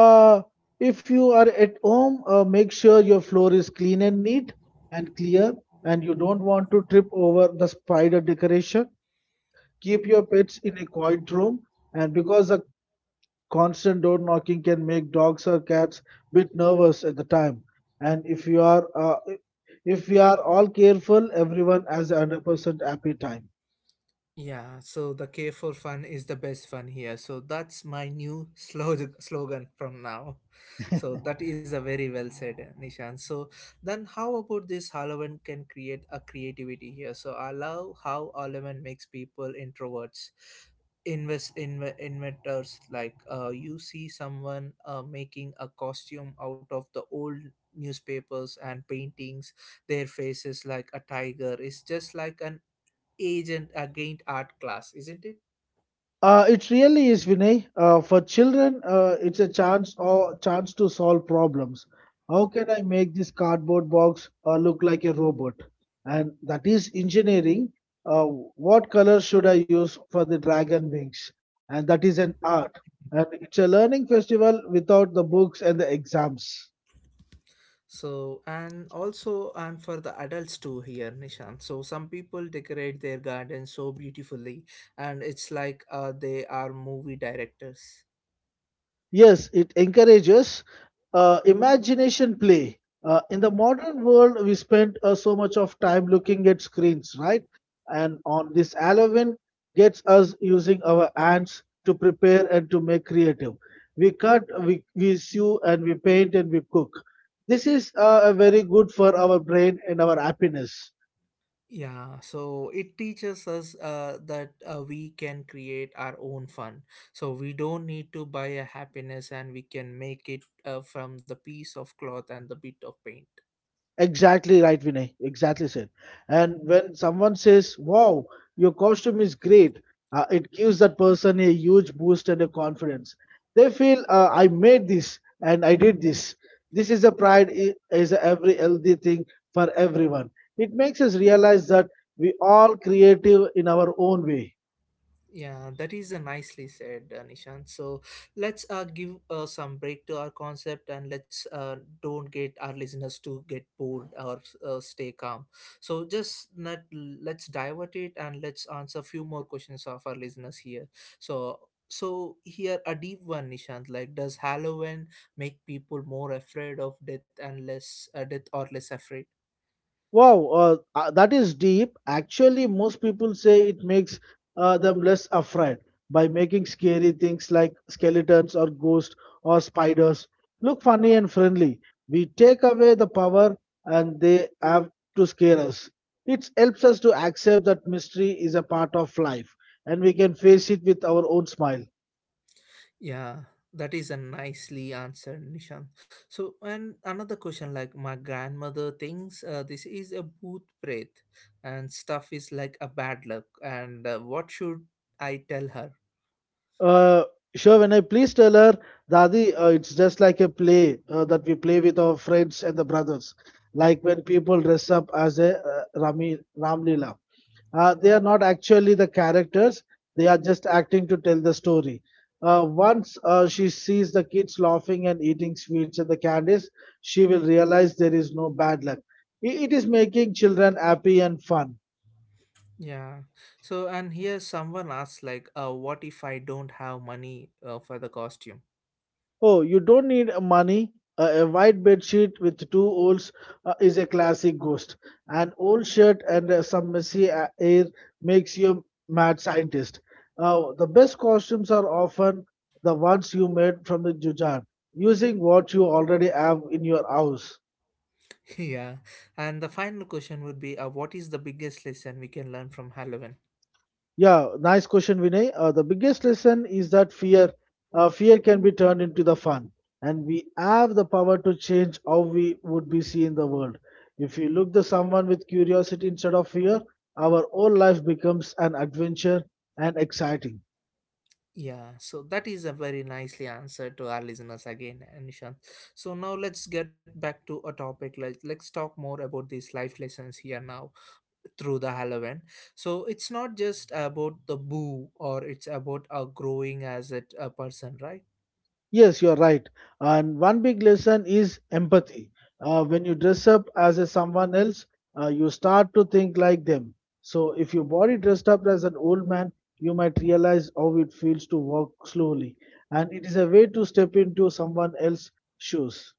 Speaker 2: Uh, if you are at home, uh, make sure your floor is clean and neat and clear, and you don't want to trip over the spider decoration. Keep your pets in a quiet room, and because the constant door knocking can make dogs or cats bit nervous at the time. And if you are uh, if we are all careful, everyone has a one hundred percent happy time.
Speaker 1: Yeah, so the K for fun is the best fun here. So that's my new (laughs) slog- slogan from now. So that is a very well said, Nishan. So then, how about this Halloween can create a creativity here? So I love how Halloween makes people introverts, invest inve- inventors. Like uh, you see someone uh, making a costume out of the old newspapers and paintings their faces like a tiger. It's just like an agent against art class, isn't it?
Speaker 2: Uh, it really is, Vinay. Uh, for children, uh, it's a chance or chance to solve problems. How can I make this cardboard box uh, look like a robot? And that is engineering. Uh, what color should I use for the dragon wings? And that is an art. And it's a learning festival without the books and the exams.
Speaker 1: So and also and for the adults too here, Nishan. So some people decorate their garden so beautifully, and it's like uh, they are movie directors.
Speaker 2: Yes, it encourages uh, imagination play. Uh, in the modern world, we spend uh, so much of time looking at screens, right? And on this Halloween gets us using our hands to prepare and to make creative. We cut, we, we sew, and we paint and we cook. This is uh, very good for our brain and our happiness.
Speaker 1: Yeah, so it teaches us uh, that uh, we can create our own fun. So we don't need to buy a happiness, and we can make it uh, from the piece of cloth and the bit of paint.
Speaker 2: Exactly right, Vinay. Exactly said. And when someone says, "Wow, your costume is great," uh, it gives that person a huge boost and a confidence. They feel, uh, "I made this and I did this." This is a pride i- is a every healthy thing for everyone. It makes us realize that we all creative in our own way.
Speaker 1: Yeah, that is uh, nicely said, uh, Nishant. So let's uh, give uh, some break to our concept, and let's uh, don't get our listeners to get bored or uh, stay calm. So just not, let's divert it and let's answer few more questions of our listeners here. So so here a deep one, Nishant. Like, does Halloween make people more afraid of death and less uh, death or less afraid?
Speaker 2: Wow, uh, uh, that is deep. Actually, most people say it makes uh, them less afraid by making scary things like skeletons or ghosts or spiders look funny and friendly. We take away the power and they have to scare us. It helps us to accept that mystery is a part of life and we can face it with our own smile.
Speaker 1: Yeah, that is a nicely answered, Nishan. So, and another question like my grandmother thinks uh, this is a booth breath and stuff is like a bad luck. And uh, what should I tell her?
Speaker 2: Uh, sure, when I please tell her, Dadi, uh, it's just like a play uh, that we play with our friends and the brothers. Like when people dress up as a uh, Rami, Ram Leela. Uh, they are not actually the characters, they are just acting to tell the story. Uh, once uh, she sees the kids laughing and eating sweets and the candies, she will realize there is no bad luck. I- It is making children happy and fun.
Speaker 1: Yeah. So, and here someone asks, like, uh, what if I don't have money uh, for the costume?
Speaker 2: Oh, you don't need uh, money. A a white bed sheet with two holes uh, is a classic ghost. An old shirt and uh, some messy a- air makes you mad scientist. Uh, the best costumes are often the ones you made from the jujar, using what you already have in your house.
Speaker 1: (laughs) Yeah. And the final question would be, uh, what is the biggest lesson we can learn from Halloween?
Speaker 2: Yeah, nice question, Vinay. Uh, the biggest lesson is that fear, uh, fear can be turned into the fun, and we have the power to change how we would be seen in the world. If we look to someone with curiosity instead of fear, our whole life becomes an adventure and exciting.
Speaker 1: Yeah, so that is a very nicely answer to our listeners again, Nishan. So now let's get back to a topic. Like let's talk more about these life lessons here now through the Halloween. So it's not just about the boo, or it's about uh, growing as a, a person, right?
Speaker 2: Yes, you're right. And one big lesson is empathy. Uh, when you dress up as a someone else, uh, you start to think like them. So if your body dressed up as an old man, you might realize how it feels to walk slowly. And it is a way to step into someone else's shoes.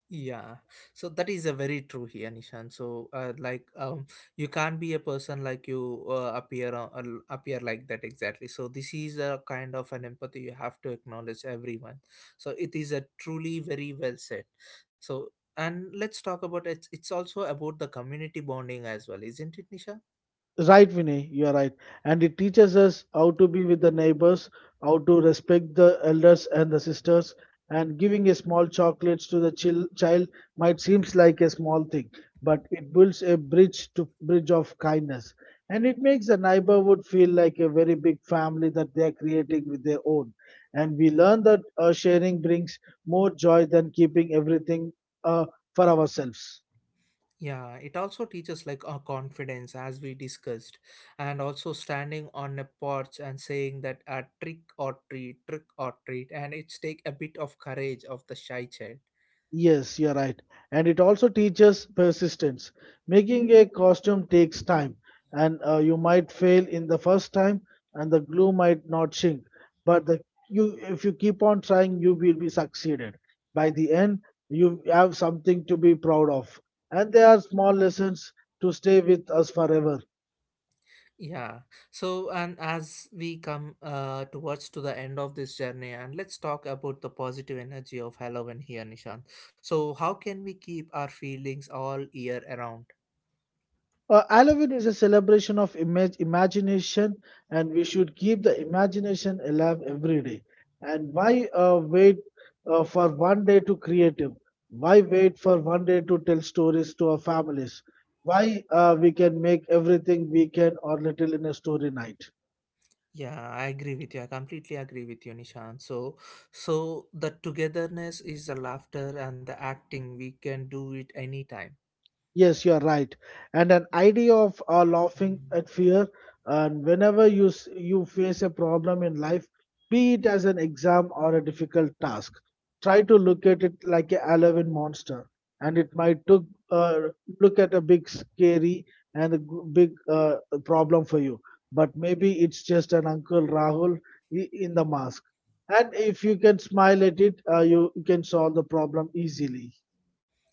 Speaker 1: Yeah, so that is a very true here, Nishan. So, uh, like, um, you can't be a person like you uh, appear on, uh, appear like that exactly. So this is a kind of an empathy you have to acknowledge everyone. So it is a truly very well said. So and let's talk about it. It's also about the community bonding as well, isn't it, Nisha?
Speaker 2: Right, Vinay, you are right. And it teaches us how to be with the neighbors, how to respect the elders and the sisters. And giving a small chocolates to the chil- child might seems like a small thing, but it builds a bridge to bridge of kindness, and it makes the neighborhood feel like a very big family that they are creating with their own. And we learn that uh, sharing brings more joy than keeping everything uh, for ourselves.
Speaker 1: Yeah, it also teaches like uh, confidence as we discussed, and also standing on a porch and saying that a uh, trick or treat, trick or treat, and it's take a bit of courage of the shy child.
Speaker 2: Yes, you're right. And it also teaches persistence. Making a costume takes time, and uh, you might fail in the first time, and the glue might not shrink. But the, you, if you keep on trying, you will be succeeded. By the end, you have something to be proud of. And there are small lessons to stay with us forever.
Speaker 1: Yeah. So and as we come uh, towards to the end of this journey, and let's talk about the positive energy of Halloween here, Nishan. So how can we keep our feelings all year around?
Speaker 2: Uh, Halloween is a celebration of imag imagination, and we should keep the imagination alive every day. And why uh, wait uh, for one day to create it? Why wait for one day to tell stories to our families? Why uh, we can make everything weekend or little in a story night?
Speaker 1: Yeah, I agree with you. I completely agree with you, Nishan. So, so the togetherness is the laughter and the acting. We can do it anytime.
Speaker 2: Yes, you are right. And an idea of uh, laughing at fear, and whenever you s- you face a problem in life, be it as an exam or a difficult task, try to look at it like a eleven monster, and it might took uh, look at a big scary and a g- big uh, problem for you, but maybe it's just an Uncle Rahul i- in the mask. And if you can smile at it, uh, you can solve the problem easily.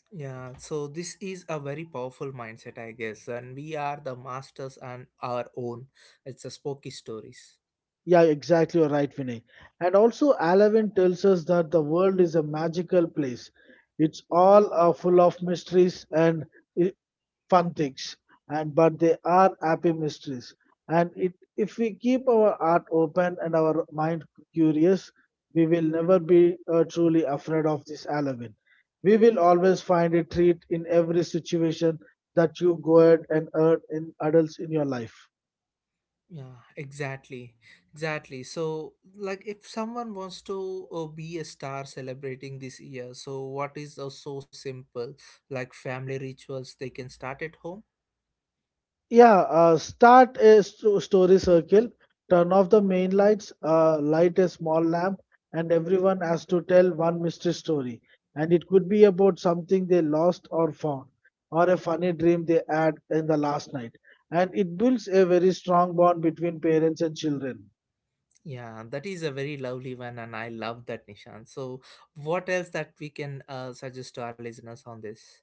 Speaker 1: Yeah, so this is a very powerful mindset, I guess, and we are the masters on our own. It's a spooky stories.
Speaker 2: Yeah, exactly. You're right, Vinay. And also, Alavin tells us that the world is a magical place. It's all uh, full of mysteries and uh, fun things, and but they are happy mysteries. And it, if we keep our heart open and our mind curious, we will never be uh, truly afraid of this Alavin. We will always find a treat in every situation that you go ahead and earn in adults in your life.
Speaker 1: Yeah, exactly, exactly. So, like, if someone wants to uh, be a star celebrating this year, so what is uh, so simple? Like family rituals, they can start at home.
Speaker 2: Yeah, uh, Start a st- story circle, turn off the main lights, uh, light a small lamp, and everyone has to tell one mystery story. And it could be about something they lost or found, or a funny dream they had in the last night. And it builds a very strong bond between parents and children.
Speaker 1: Yeah, that is a very lovely one, and I love that, Nishan. So, what else that we can uh, suggest to our listeners on this?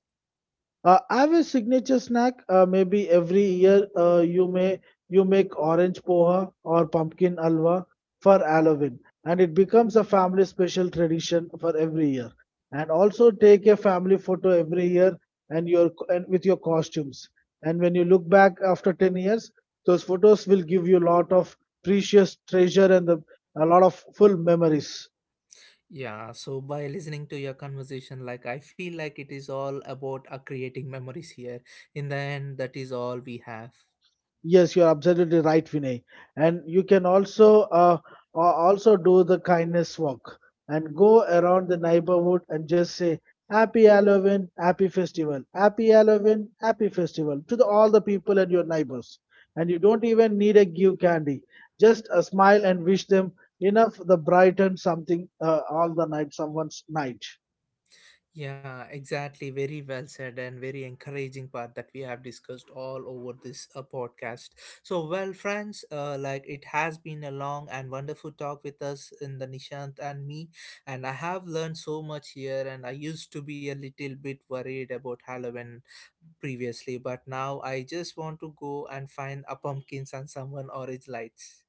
Speaker 2: Uh, I have a signature snack. Uh, maybe every year uh, you may you make orange poha or pumpkin alwa for Halloween, and it becomes a family special tradition for every year. And also take a family photo every year and your and with your costumes. And when you look back after ten years, those photos will give you a lot of precious treasure and the, a lot of full memories.
Speaker 1: Yeah, so by listening to your conversation, like I feel like it is all about uh, creating memories here. In the end, that is all we have.
Speaker 2: Yes, you're absolutely right, Vinay. And you can also uh, a- also do the kindness walk and go around the neighborhood and just say Happy Halloween, Happy Festival, Happy Halloween, Happy Festival to the, all the people and your neighbors. And you don't even need a give candy, just a smile and wish them enough the brighten something uh, all the night, someone's night.
Speaker 1: Yeah, exactly. Very well said and very encouraging part that we have discussed all over this uh, podcast. So, well, friends, uh, like it has been a long and wonderful talk with us in the Nishant and me, and I have learned so much here. And I used to be a little bit worried about Halloween previously, but now I just want to go and find a pumpkins and someone orange lights.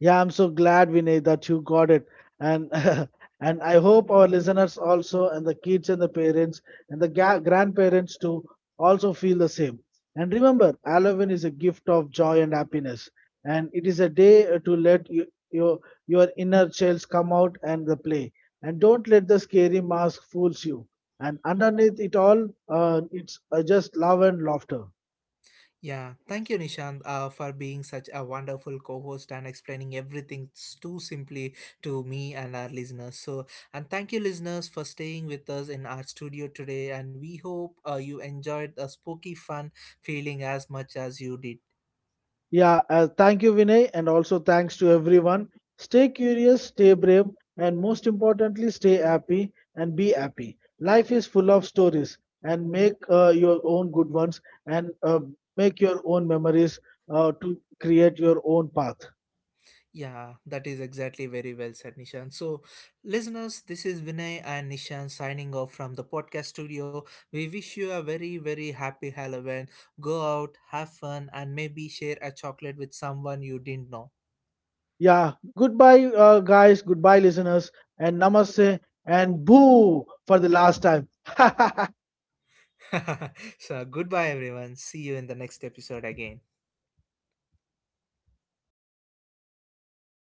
Speaker 2: Yeah, I'm so glad, Vinay, that you got it. And (laughs) and I hope our listeners also, and the kids and the parents and the ga- grandparents too, also feel the same. And remember, Halloween is a gift of joy and happiness, and it is a day uh, to let you, your your inner child come out and the play. And don't let the scary mask fools you. And underneath it all, uh, it's uh, just love and laughter.
Speaker 1: Yeah, thank you, Nishant, uh, for being such a wonderful co host and explaining everything s- too simply to me and our listeners. So, and thank you, listeners, for staying with us in our studio today. And we hope uh, you enjoyed the spooky fun feeling as much as you did.
Speaker 2: Yeah, uh, thank you, Vinay, and also thanks to everyone. Stay curious, stay brave, and most importantly, stay happy and be happy. Life is full of stories, and make uh, your own good ones and uh, make your own memories uh, to create your own path.
Speaker 1: Yeah, that is exactly very well said, Nishan. So, listeners, this is Vinay and Nishan signing off from the podcast studio. We wish you a very, very happy Halloween. Go out, have fun, and maybe share a chocolate with someone you didn't know.
Speaker 2: Yeah, goodbye, uh, guys, goodbye, listeners, and namaste, and boo for the last time. (laughs)
Speaker 1: (laughs) So, goodbye, everyone. See you in the next episode again.